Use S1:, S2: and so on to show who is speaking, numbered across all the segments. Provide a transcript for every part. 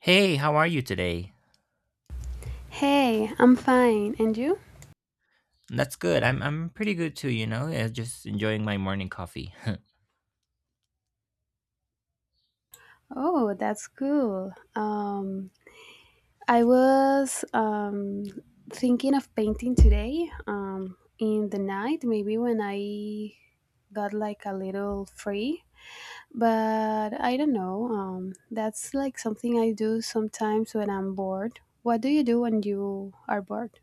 S1: Hey, how are you today?
S2: Hey, I'm fine. And you?
S1: That's good. I'm pretty good too, you know. Yeah, just enjoying my morning coffee.
S2: Oh, that's cool. I was thinking of painting today in the night, maybe when I got like a little free. But I don't know. That's like something I do sometimes when I'm bored. What do you do when you are bored?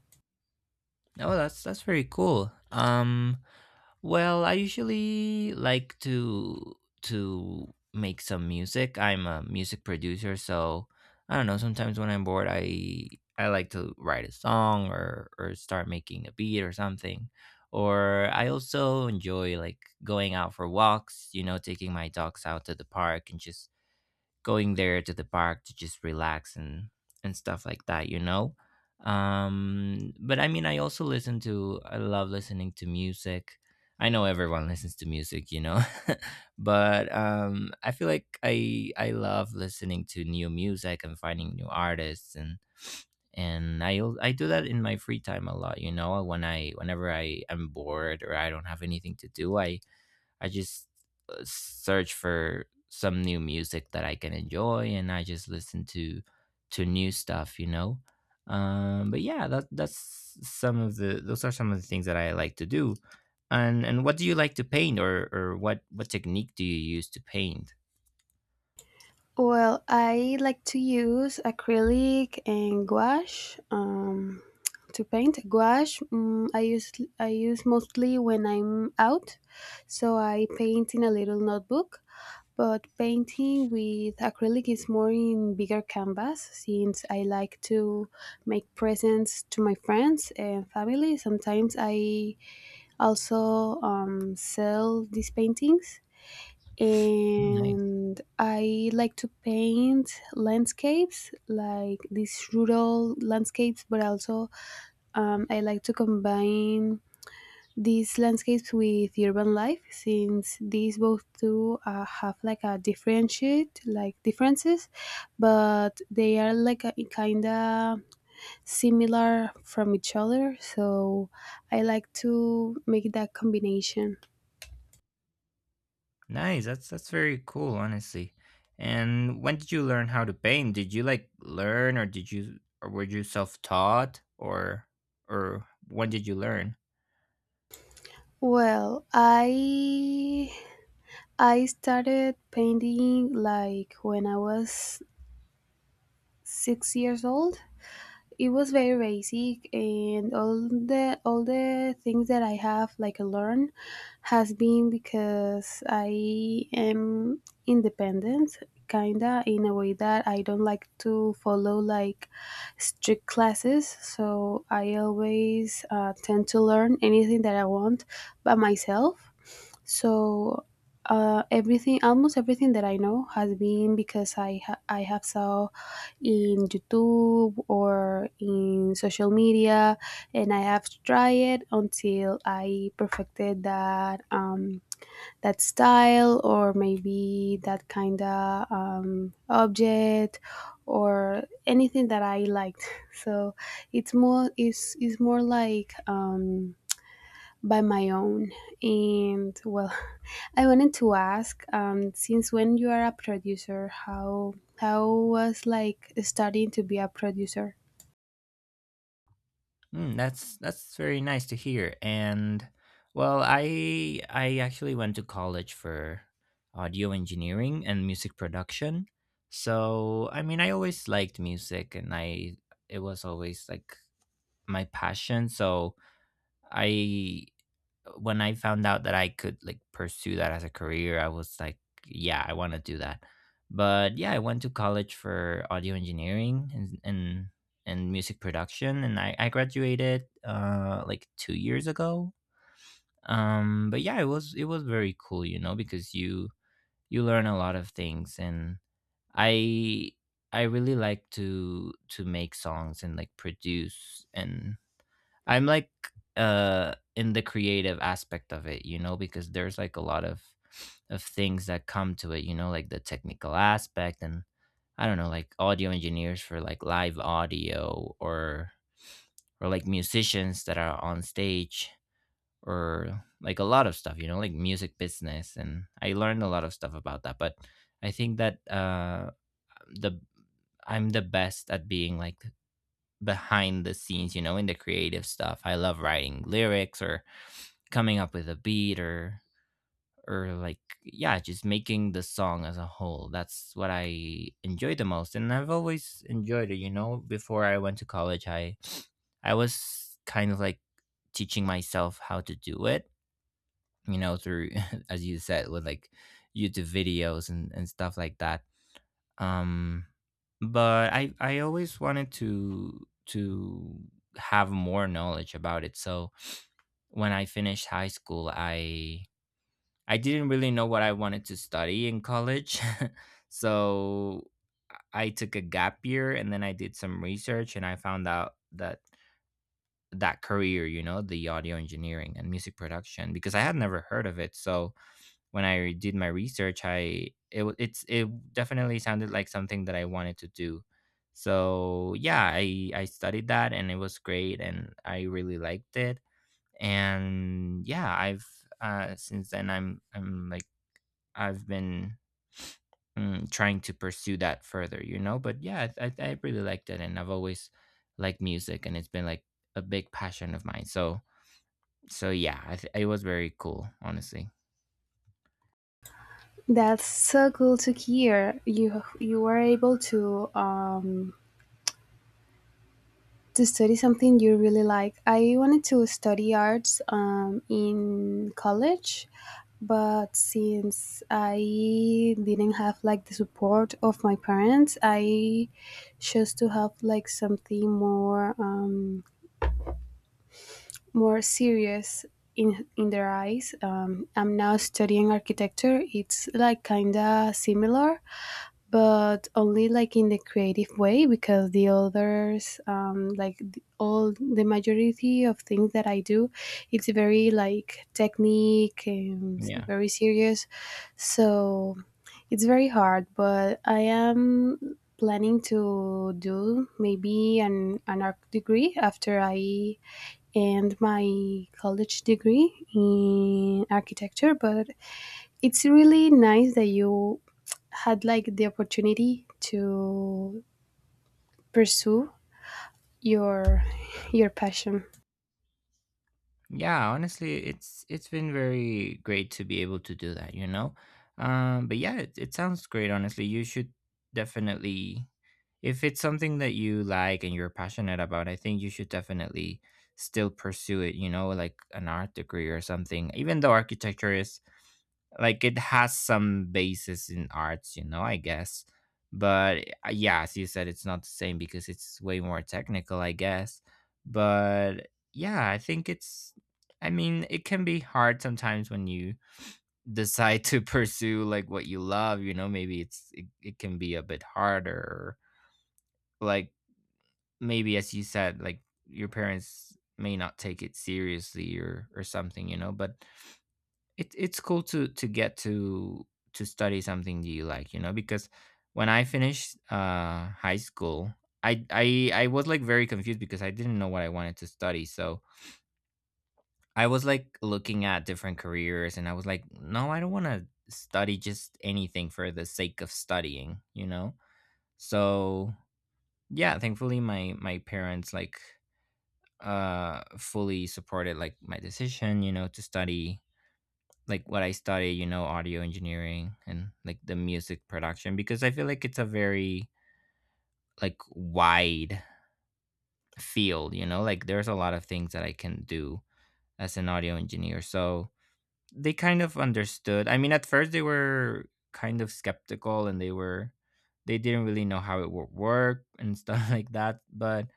S1: Oh, that's very cool. Well, I usually like to make some music. I'm a music producer, so I don't know, sometimes when I'm bored, I like to write a song or start making a beat or something. Or I also enjoy like going out for walks, you know, taking my dogs out to the park and just going there to the park to just relax and stuff like that. But I mean, I also listen to I love listening to music. I know everyone listens to music. But I feel like I love listening to new music and finding new artists and I do that in my free time a lot, you know, when I whenever I am bored or I don't have anything to do, I just search for some new music that I can enjoy, and I just listen to new stuff, you know. But yeah, that that's some of the those are some of the things that I like to do. And what do you like to paint, or what technique do you use to paint?
S2: Well, I like to use acrylic and gouache to paint. Gouache, I use mostly when I'm out, so I paint in a little notebook. But painting with acrylic is more in bigger canvas since I like to make presents to my friends and family. Sometimes I also sell these paintings
S1: Mm.
S2: and I like to paint landscapes, like these rural landscapes, but also I like to combine these landscapes with urban life since these both two have like a differentiate like differences but they are like a, kinda similar from each other, so I like to make that combination.
S1: Nice. That's very cool, honestly. And when did you learn how to paint? Did you like learn or did you or were you self-taught or when did you learn?
S2: Well, I started painting like when I was 6 years old. It was very basic, and all the things that I have like learned has been because I am independent, kinda in a way that I don't like to follow like strict classes. So I always tend to learn anything that I want by myself, so everything, almost everything that I know has been because I have saw in YouTube or in social media, and I have tried it until I perfected that that style or maybe that kind of object or anything that I liked. So it's more like, by my own. And well, I wanted to ask, since when you are a producer, how was like studying to be a producer?
S1: Mm, that's very nice to hear. And well, I actually went to college for audio engineering and music production. So, I mean, I always liked music and I it was always like my passion. So, I when I found out that I could like pursue that as a career, I was like, yeah, I want to do that. But yeah, I went to college for audio engineering and and music production, and I graduated like 2 years ago. But yeah, it was very cool, you know, because you learn a lot of things, and I I really like to make songs and like produce. And I'm like in the creative aspect of it, you know, because there's like a lot of things that come to it, you know, like the technical aspect. And I don't know, like audio engineers for like live audio or like musicians that are on stage or like a lot of stuff, you know, like music business, and I learned a lot of stuff about that. But I think that the I'm the best at being like behind the scenes, you know, in the creative stuff. I love writing lyrics or coming up with a beat or like yeah, just making the song as a whole. That's what I enjoy the most, and I've always enjoyed it, you know. Before I went to college, I was kind of like teaching myself how to do it, you know, through as you said, with like YouTube videos and stuff like that. um but I always wanted to have more knowledge about it. So when I finished high school, I didn't really know what I wanted to study in college. So I took a gap year, and then I did some research and I found out that career, you know, the audio engineering and music production, because I had never heard of it. So when I did my research, I it wa- it's it definitely sounded like something that I wanted to do. So yeah, I studied that, and it was great and I really liked it. And yeah, I've since then I've been trying to pursue that further, you know. But yeah, I really liked it, and I've always liked music, and it's been like a big passion of mine. So yeah, it was very cool, honestly.
S2: That's so cool to hear. You were able to study something you really like. I wanted to study arts in college, but since I didn't have like the support of my parents, I chose to have like something more more serious in their eyes. I'm now studying architecture. It's like kinda similar, but only like in the creative way because the others all the majority of things that I do, it's very like technique and
S1: Yeah.
S2: very serious, so it's very hard, but I am planning to do maybe an art degree after I end my college degree in architecture. But it's really nice that you had like the opportunity to pursue your your passion.
S1: Yeah, honestly, it's been very great to be able to do that, you know. But yeah, it sounds great. Honestly, you should definitely, if it's something that you like and you're passionate about, I think you should definitely still pursue it. You know, like an art degree or something. Even though architecture is like it has some basis in arts, you know, I guess. But yeah, as you said, it's not the same because it's way more technical, I guess. But yeah, I think it's I mean, it can be hard sometimes when you decide to pursue like what you love, you know. Maybe it can be a bit harder, like maybe, as you said, like your parents may not take it seriously or something, you know. But it it's cool to get to study something that you like, you know, because when I finished high school, I was like very confused because I didn't know what I wanted to study. So I was like looking at different careers, and I was like, no, I don't want to study just anything for the sake of studying, you know? So yeah, thankfully my parents like fully supported like my decision, you know, to study like what I study, you know, audio engineering and like the music production, because I feel like it's a very like wide field, you know, like there's a lot of things that I can do as an audio engineer. So they kind of understood. I mean, at first they were kind of skeptical, and they were they didn't really know how it would work and stuff like that. But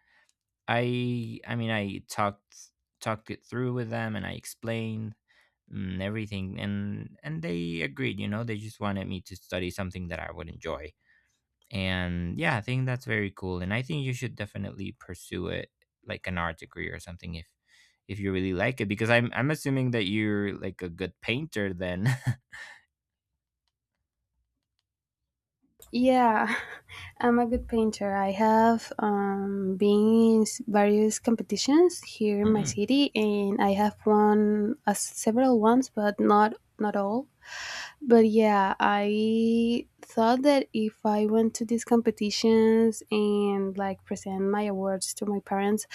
S1: I mean, I talked it through with them, and I explained and everything, and they agreed. You know, they just wanted me to study something that I would enjoy. And yeah, I think that's very cool, and I think you should definitely pursue it, like an art degree or something, if you really like it, because I'm assuming that you're like a good painter then.
S2: Yeah, I'm a good painter. I have been in various competitions here in my city and I have won several ones, but not not all. But yeah, I thought that if I went to these competitions and like present my awards to my parents,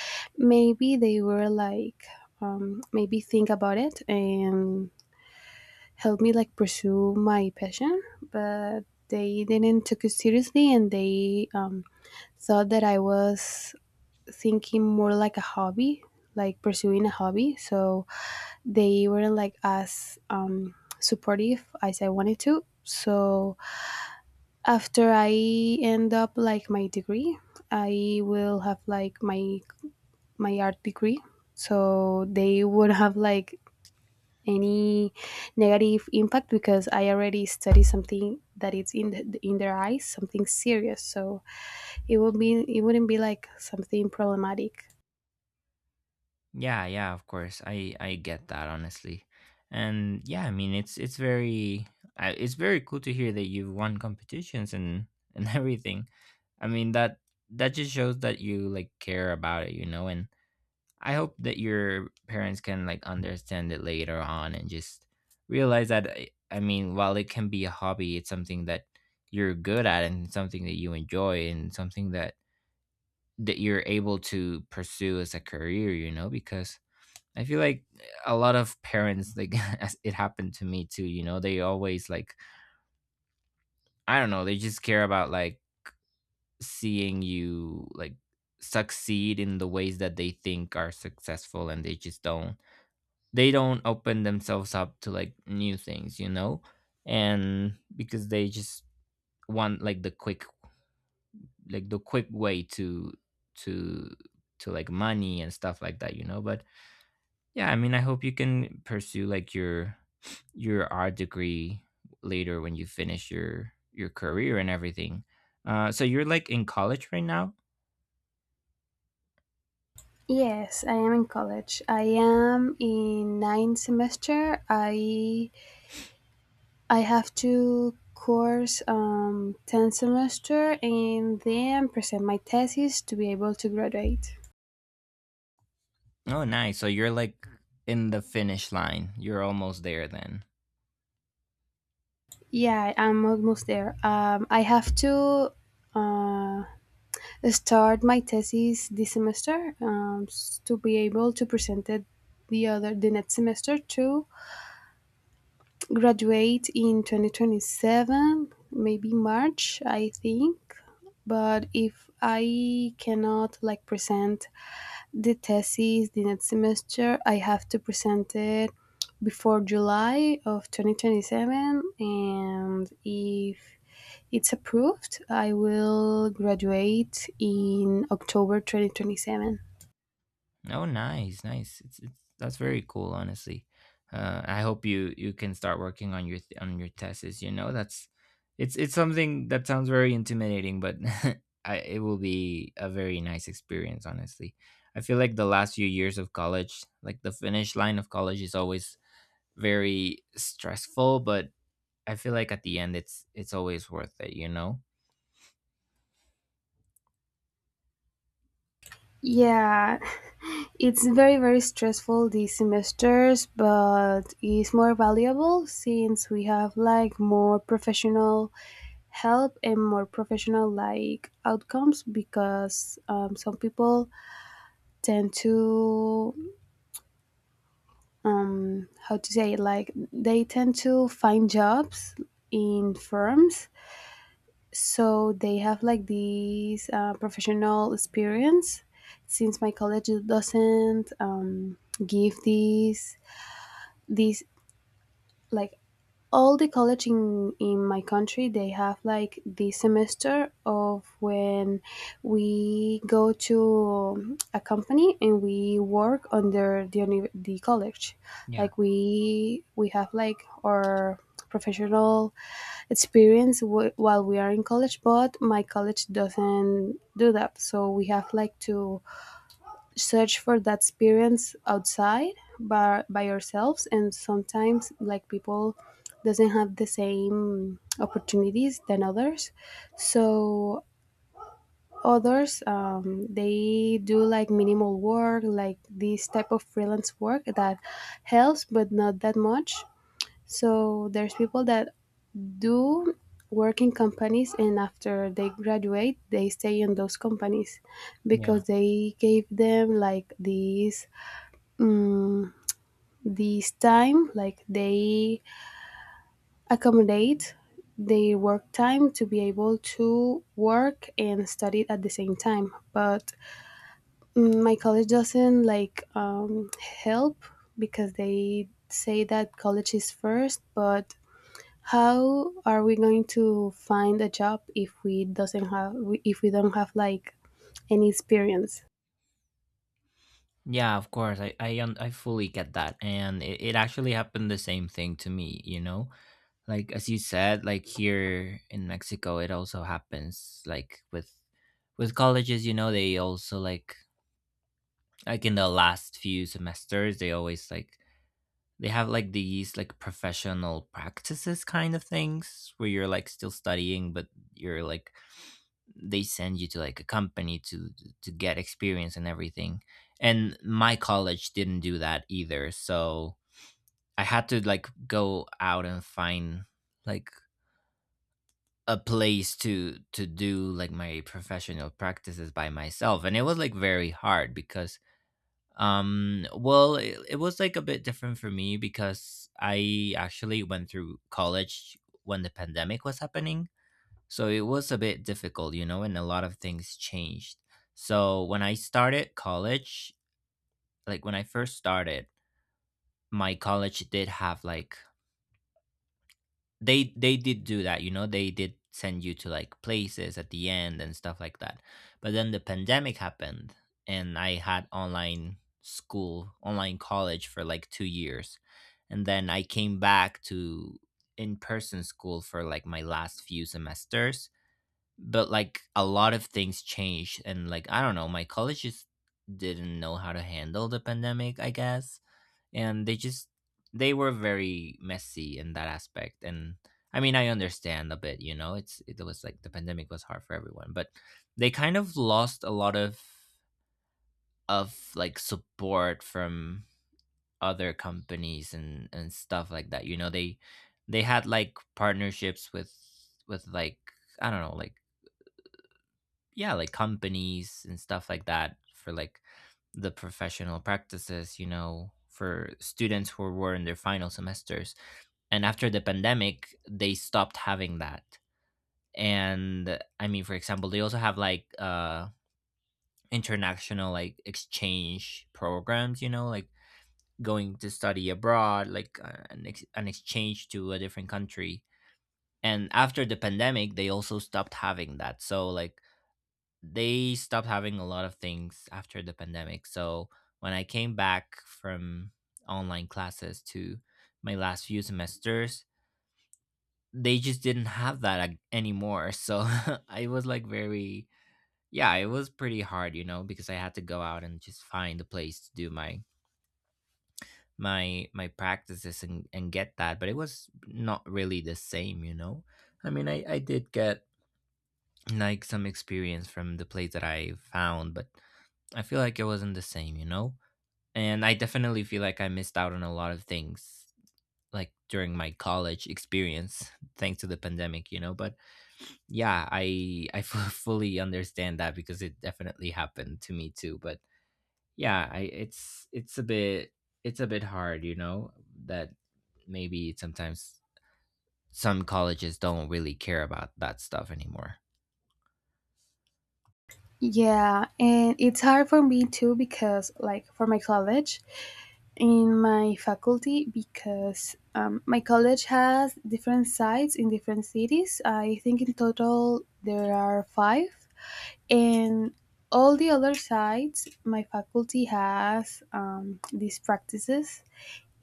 S2: maybe they were like, maybe think about it and help me like pursue my passion. But they didn't took it seriously and they thought that I was thinking more like a hobby, like pursuing a hobby. So they weren't like as supportive as I wanted to. So after I end up like my degree, I will have like my art degree. So they would have like any negative impact because I already study something that is in the, in their eyes, something serious. So it wouldn't be like something problematic.
S1: Yeah, yeah, of course. I get that, honestly. And yeah, I mean it's very it's very cool to hear that you've won competitions and everything. I mean that just shows that you like care about it, you know. And I hope that your parents can like understand it later on and just realize that I mean, while it can be a hobby, it's something that you're good at and something that you enjoy and something that you're able to pursue as a career, you know, because I feel like a lot of parents, like as it happened to me too, you know, they always like, I don't know, they just care about like seeing you like succeed in the ways that they think are successful, and they just don't, they don't open themselves up to like new things, you know? And because they just want like the quick way to, to like money and stuff like that, you know? But yeah, I mean, I hope you can pursue like your art degree later when you finish your career and everything. So you're like in college right now?
S2: Yes, I am in college. I am in ninth semester. I have two course 10 semester and then present my thesis to be able to graduate.
S1: Oh, nice. So you're like in the finish line. You're almost there then.
S2: Yeah, I'm almost there. I have to uh, start my thesis this semester to be able to present it the next semester to graduate in 2027, maybe March I think. But if I cannot like present the thesis the next semester, I have to present it before July of 2027, and if it's approved, I will graduate in October 2027.
S1: Oh, nice, nice. It's that's very cool, honestly. I hope you can start working on your on your tests. You know, that's it's something that sounds very intimidating, but it will be a very nice experience, honestly. I feel like the last few years of college, like the finish line of college, is always very stressful. But I feel like at the end, it's always worth it. You know?
S2: Yeah, it's very, very stressful these semesters, but it's more valuable since we have like more professional help and more professional like outcomes because some people tend to how to say it? Like they tend to find jobs in firms, so they have like these professional experience since my college doesn't give these like all the college in my country, they have like the semester of when we go to a company and we work under the college,
S1: Yeah,
S2: like we have like our professional experience while we are in college. But my college doesn't do that, so we have like to search for that experience outside by yourselves. And sometimes like people doesn't have the same opportunities than others, so others they do like minimal work, like this type of freelance work that helps but not that much. So there's people that do work in companies and after they graduate they stay in those companies
S1: yeah.
S2: because they gave them like these mm, this time, like they accommodate their work time to be able to work and study at the same time. But my college doesn't like help because they say that college is first. But how are we going to find a job if we doesn't have if we don't have like any experience?
S1: Yeah, of course. I fully get that. And it actually happened the same thing to me. You know, like as you said, like here in Mexico, it also happens. Like with colleges, you know, they also like in the last few semesters, they always like they have like these like professional practices kind of things where you're like still studying, but you're like they send you to like a company to get experience and everything. And my college didn't do that either. So I had to like go out and find like a place to do like my professional practices by myself, and it was like very hard because well, it was like a bit different for me because I actually went through college when the pandemic was happening. So it was a bit difficult, you know, and a lot of things changed. So when I started college, like when I first started, my college did have like they did do that, you know, they did send you to like places at the end and stuff like that. But then the pandemic happened and I had online school, online college for like 2 years. And then I came back to in-person school for like my last few semesters, but like a lot of things changed and like I don't know, my college just didn't know how to handle the pandemic, I guess. And they just, they were very messy in that aspect. And I mean, I understand a bit, you know, it was like the pandemic was hard for everyone, but they kind of lost a lot of like support from other companies and stuff like that, you know. They had like partnerships with, with like, I don't know, like yeah, like companies and stuff like that for like the professional practices, you know, for students who were in their final semesters. And after the pandemic, they stopped having that. And I mean, for example, they also have like international like exchange programs, you know, like going to study abroad, like an exchange to a different country. And after the pandemic, they also stopped having that. So like they stopped having a lot of things after the pandemic. So when I came back from online classes to my last few semesters, they just didn't have that anymore. So I was like very, yeah, it was pretty hard, you know, because I had to go out and just find a place to do my my practices and get that, but it was not really the same, you know. I mean, I did get like some experience from the place that I found, but I feel like it wasn't the same, you know? And I definitely feel like I missed out on a lot of things like during my college experience thanks to the pandemic, you know? But yeah, I fully understand that because it definitely happened to me too. But yeah, I, it's a bit, it's a bit hard, you know, that maybe sometimes some colleges don't really care about that stuff anymore.
S2: Yeah, and it's hard for me too because, like, for my college, in my faculty, because my college has different sites in different cities. I think in total there are five, and all the other sites, my faculty has these practices,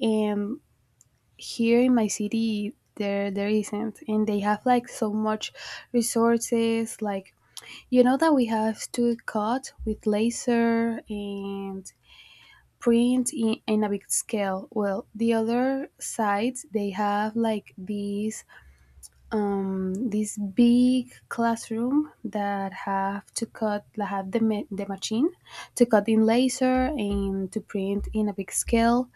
S2: and here in my city, there isn't, and they have like so much resources, like you know that we have to cut with laser and print in a big scale. Well, the other sides they have like these this big classroom that have to cut, that have the machine to cut in laser and to print in a big scale.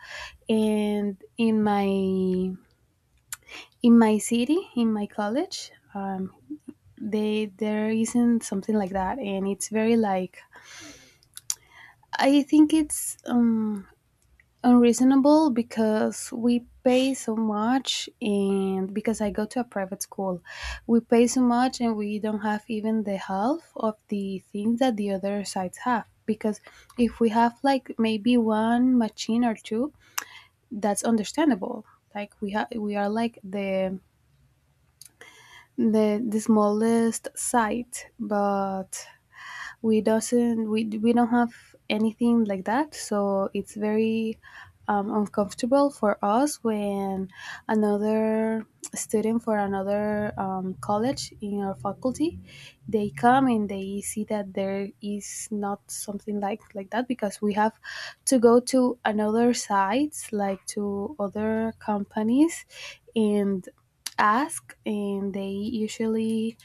S2: And in my city, in my college, they there isn't something like that, and it's very like I think it's unreasonable because we pay so much, and because I go to a private school, we pay so much, and we don't have even the half of the things that the other sites have. Because if we have like maybe one machine or two, that's understandable. Like we have, we are like the the smallest site, but we don't have anything like that, so it's very uncomfortable for us when another student for another college in our faculty, they come and they see that there is not something like that, because we have to go to another sites, like to other companies, and ask, and they usually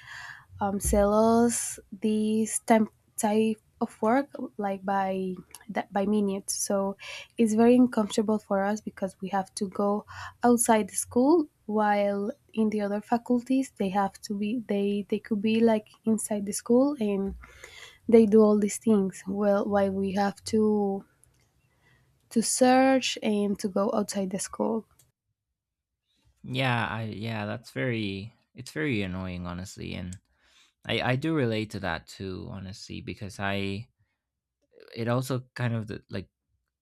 S2: sells this type of work like by that by minute. So it's very uncomfortable for us because we have to go outside the school, while in the other faculties they have to be, they could be like inside the school and they do all these things well, while we have to search and to go outside the school.
S1: Yeah, that's very, it's very annoying honestly. And I do relate to that too honestly, because I, it also kind of the, like,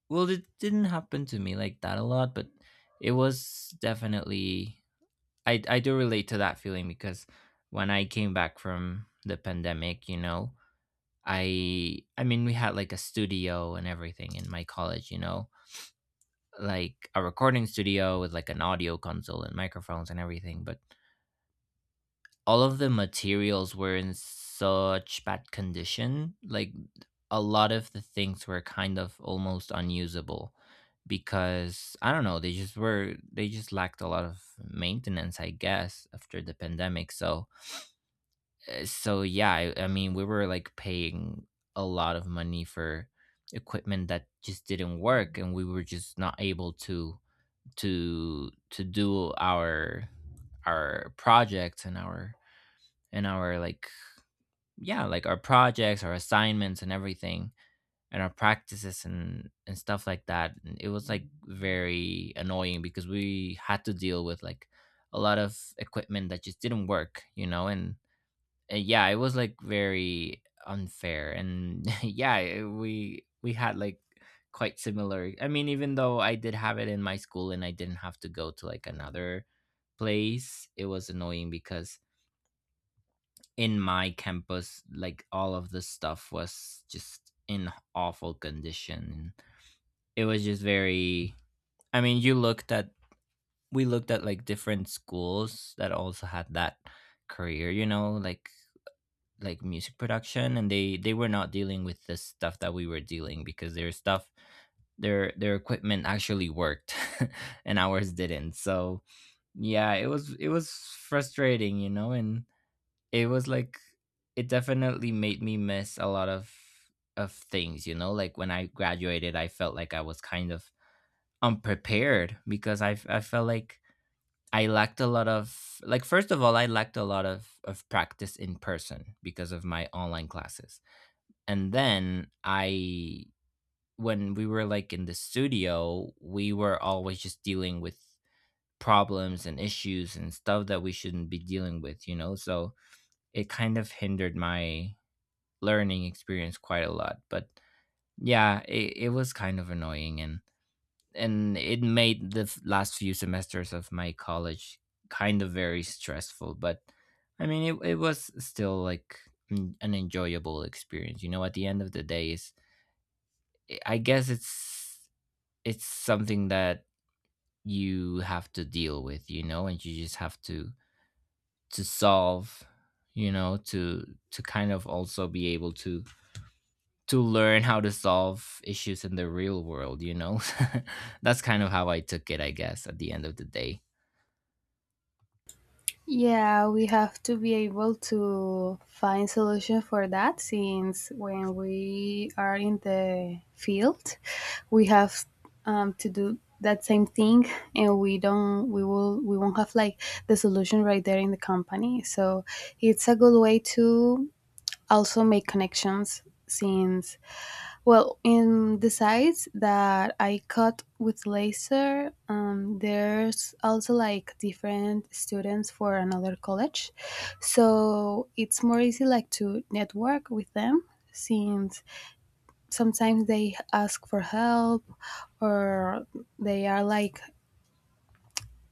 S1: well, it didn't happen to me like that a lot, but it was definitely, I do relate to that feeling because when I came back from the pandemic, you know, I mean, we had like a studio and everything in my college, you know, like a recording studio with like an audio console and microphones and everything, but all of the materials were in such bad condition. Like a lot of the things were kind of almost unusable because I don't know, they just lacked a lot of maintenance, I guess, after the pandemic. So so yeah, I mean, we were like paying a lot of money for equipment that just didn't work, and we were just not able to to do our projects and our, and our like, yeah, like our projects, our assignments and everything and our practices and stuff like that. And it was like very annoying because we had to deal with like a lot of equipment that just didn't work, you know. And yeah, it was like very unfair, and yeah, we had like quite similar. I mean, even though I did have it in my school and I didn't have to go to like another place, it was annoying because in my campus, like all of the stuff was just in awful condition. It was just very. I mean, you looked at we looked at like different schools that also had that career, you know, like music production, and they were not dealing with the stuff that we were dealing because their stuff, their equipment actually worked, and ours didn't. So yeah, it was frustrating, you know, and it was like, it definitely made me miss a lot of things, you know. Like when I graduated, I felt like I was kind of unprepared because I felt like I lacked a lot of, like, first of all, I lacked a lot of practice in person because of my online classes. And then I, when we were like in the studio, we were always just dealing with problems and issues and stuff that we shouldn't be dealing with, you know. So it kind of hindered my learning experience quite a lot. But yeah, it was kind of annoying, and it made the last few semesters of my college kind of very stressful. But I mean, it was still like an enjoyable experience. You know, at the end of the day, is, I guess it's something that you have to deal with. You know, and you just have to solve. You know, to kind of also be able to learn how to solve issues in the real world, you know? That's kind of how I took it, I guess, at the end of the day.
S2: Yeah, we have to be able to find solution for that since when we are in the field, we have to do that same thing, and we don't we will we won't have like the solution right there in the company. So it's a good way to also make connections since, well, in the sides that I cut with laser, there's also like different students for another college, so it's more easy like to network with them since sometimes they ask for help or they are like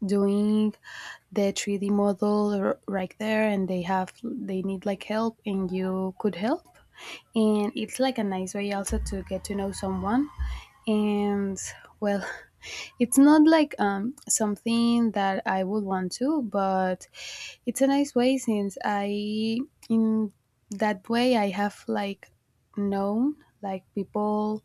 S2: doing the 3D model right there, and they need like help and you could help. And it's like a nice way also to get to know someone. And, well, it's not like something that I would want to, but it's a nice way since I, in that way I have like known like people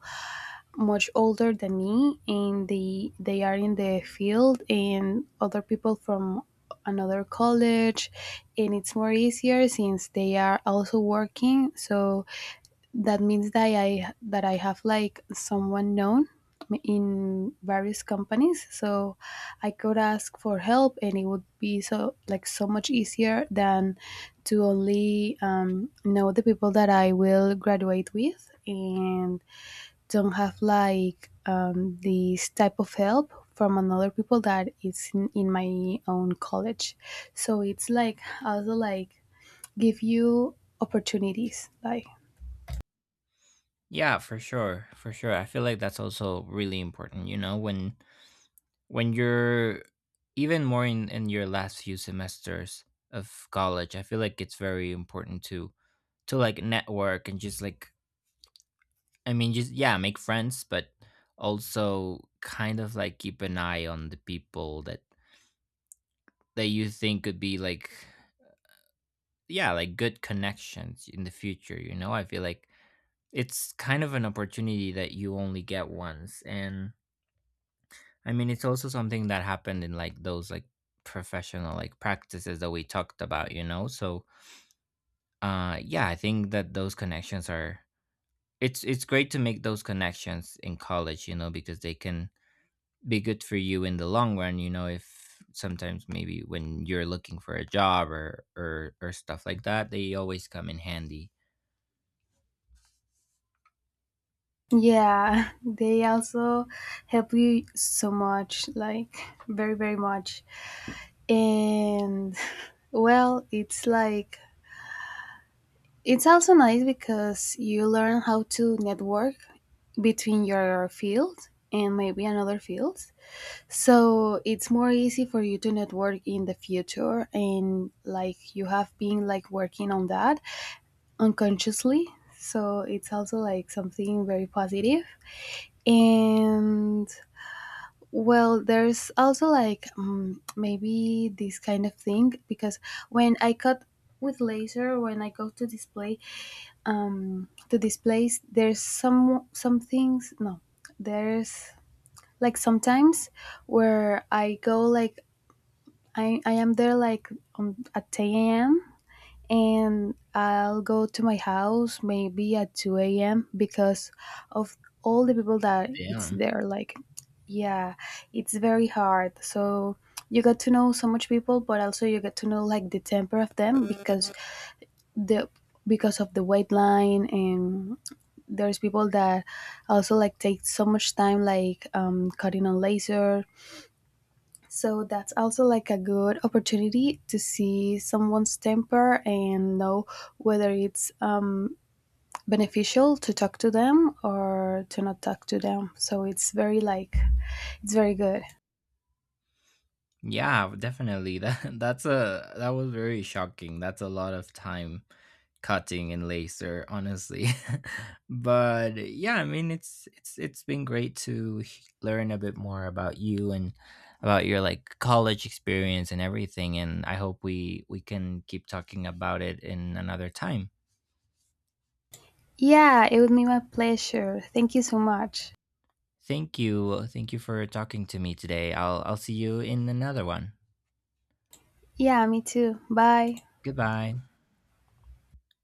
S2: much older than me, and they are in the field, and other people from another college. And it's more easier since they are also working, so that means that I have like someone known in various companies, so I could ask for help, and it would be so like so much easier than to only know the people that I will graduate with, and don't have like this type of help from another people that is in my own college. So it's like also like give you opportunities, like.
S1: Yeah, for sure. For sure. I feel like that's also really important, you know, when you're even more in your last few semesters of college, I feel like it's very important to like network and just like, I mean, just yeah, make friends, but also kind of like keep an eye on the people that that you think could be like, yeah, like good connections in the future, you know? I feel like it's kind of an opportunity that you only get once. And I mean, it's also something that happened in like those like professional like practices that we talked about, you know? So yeah, I think that those connections are, it's great to make those connections in college, you know, because they can be good for you in the long run, you know, if sometimes maybe when you're looking for a job or or stuff like that, they always come in handy.
S2: Yeah, they also help you so much, like very, very much. And well, it's like it's also nice because you learn how to network between your field and maybe another field. So it's more easy for you to network in the future, and like you have been like working on that unconsciously. So it's also like something very positive. And well, there's also like maybe this kind of thing because when I cut with laser, when I go to display to displays, there's some things. No, there's like sometimes where I go like I am there like at 10 a.m. and I'll go to my house maybe at 2 a.m. because of all the people that it's
S1: Yeah.
S2: there. Like, yeah, it's very hard. So you get to know so much people, but also you get to know like the temper of them because the because of the wait line, and there's people that also like take so much time like cutting on laser. So that's also like a good opportunity to see someone's temper and know whether it's beneficial to talk to them or to not talk to them. So it's very like it's very good.
S1: Yeah, definitely. That that was very shocking. That's a lot of time cutting and laser, honestly. But yeah, I mean it's it's been great to learn a bit more about you and about your like college experience and everything, and I hope we can keep talking about it in another time.
S2: Yeah, it would be my pleasure. Thank you so much.
S1: Thank you. Thank you for talking to me today. I'll see you in another one.
S2: Yeah, me too. Bye.
S1: Goodbye.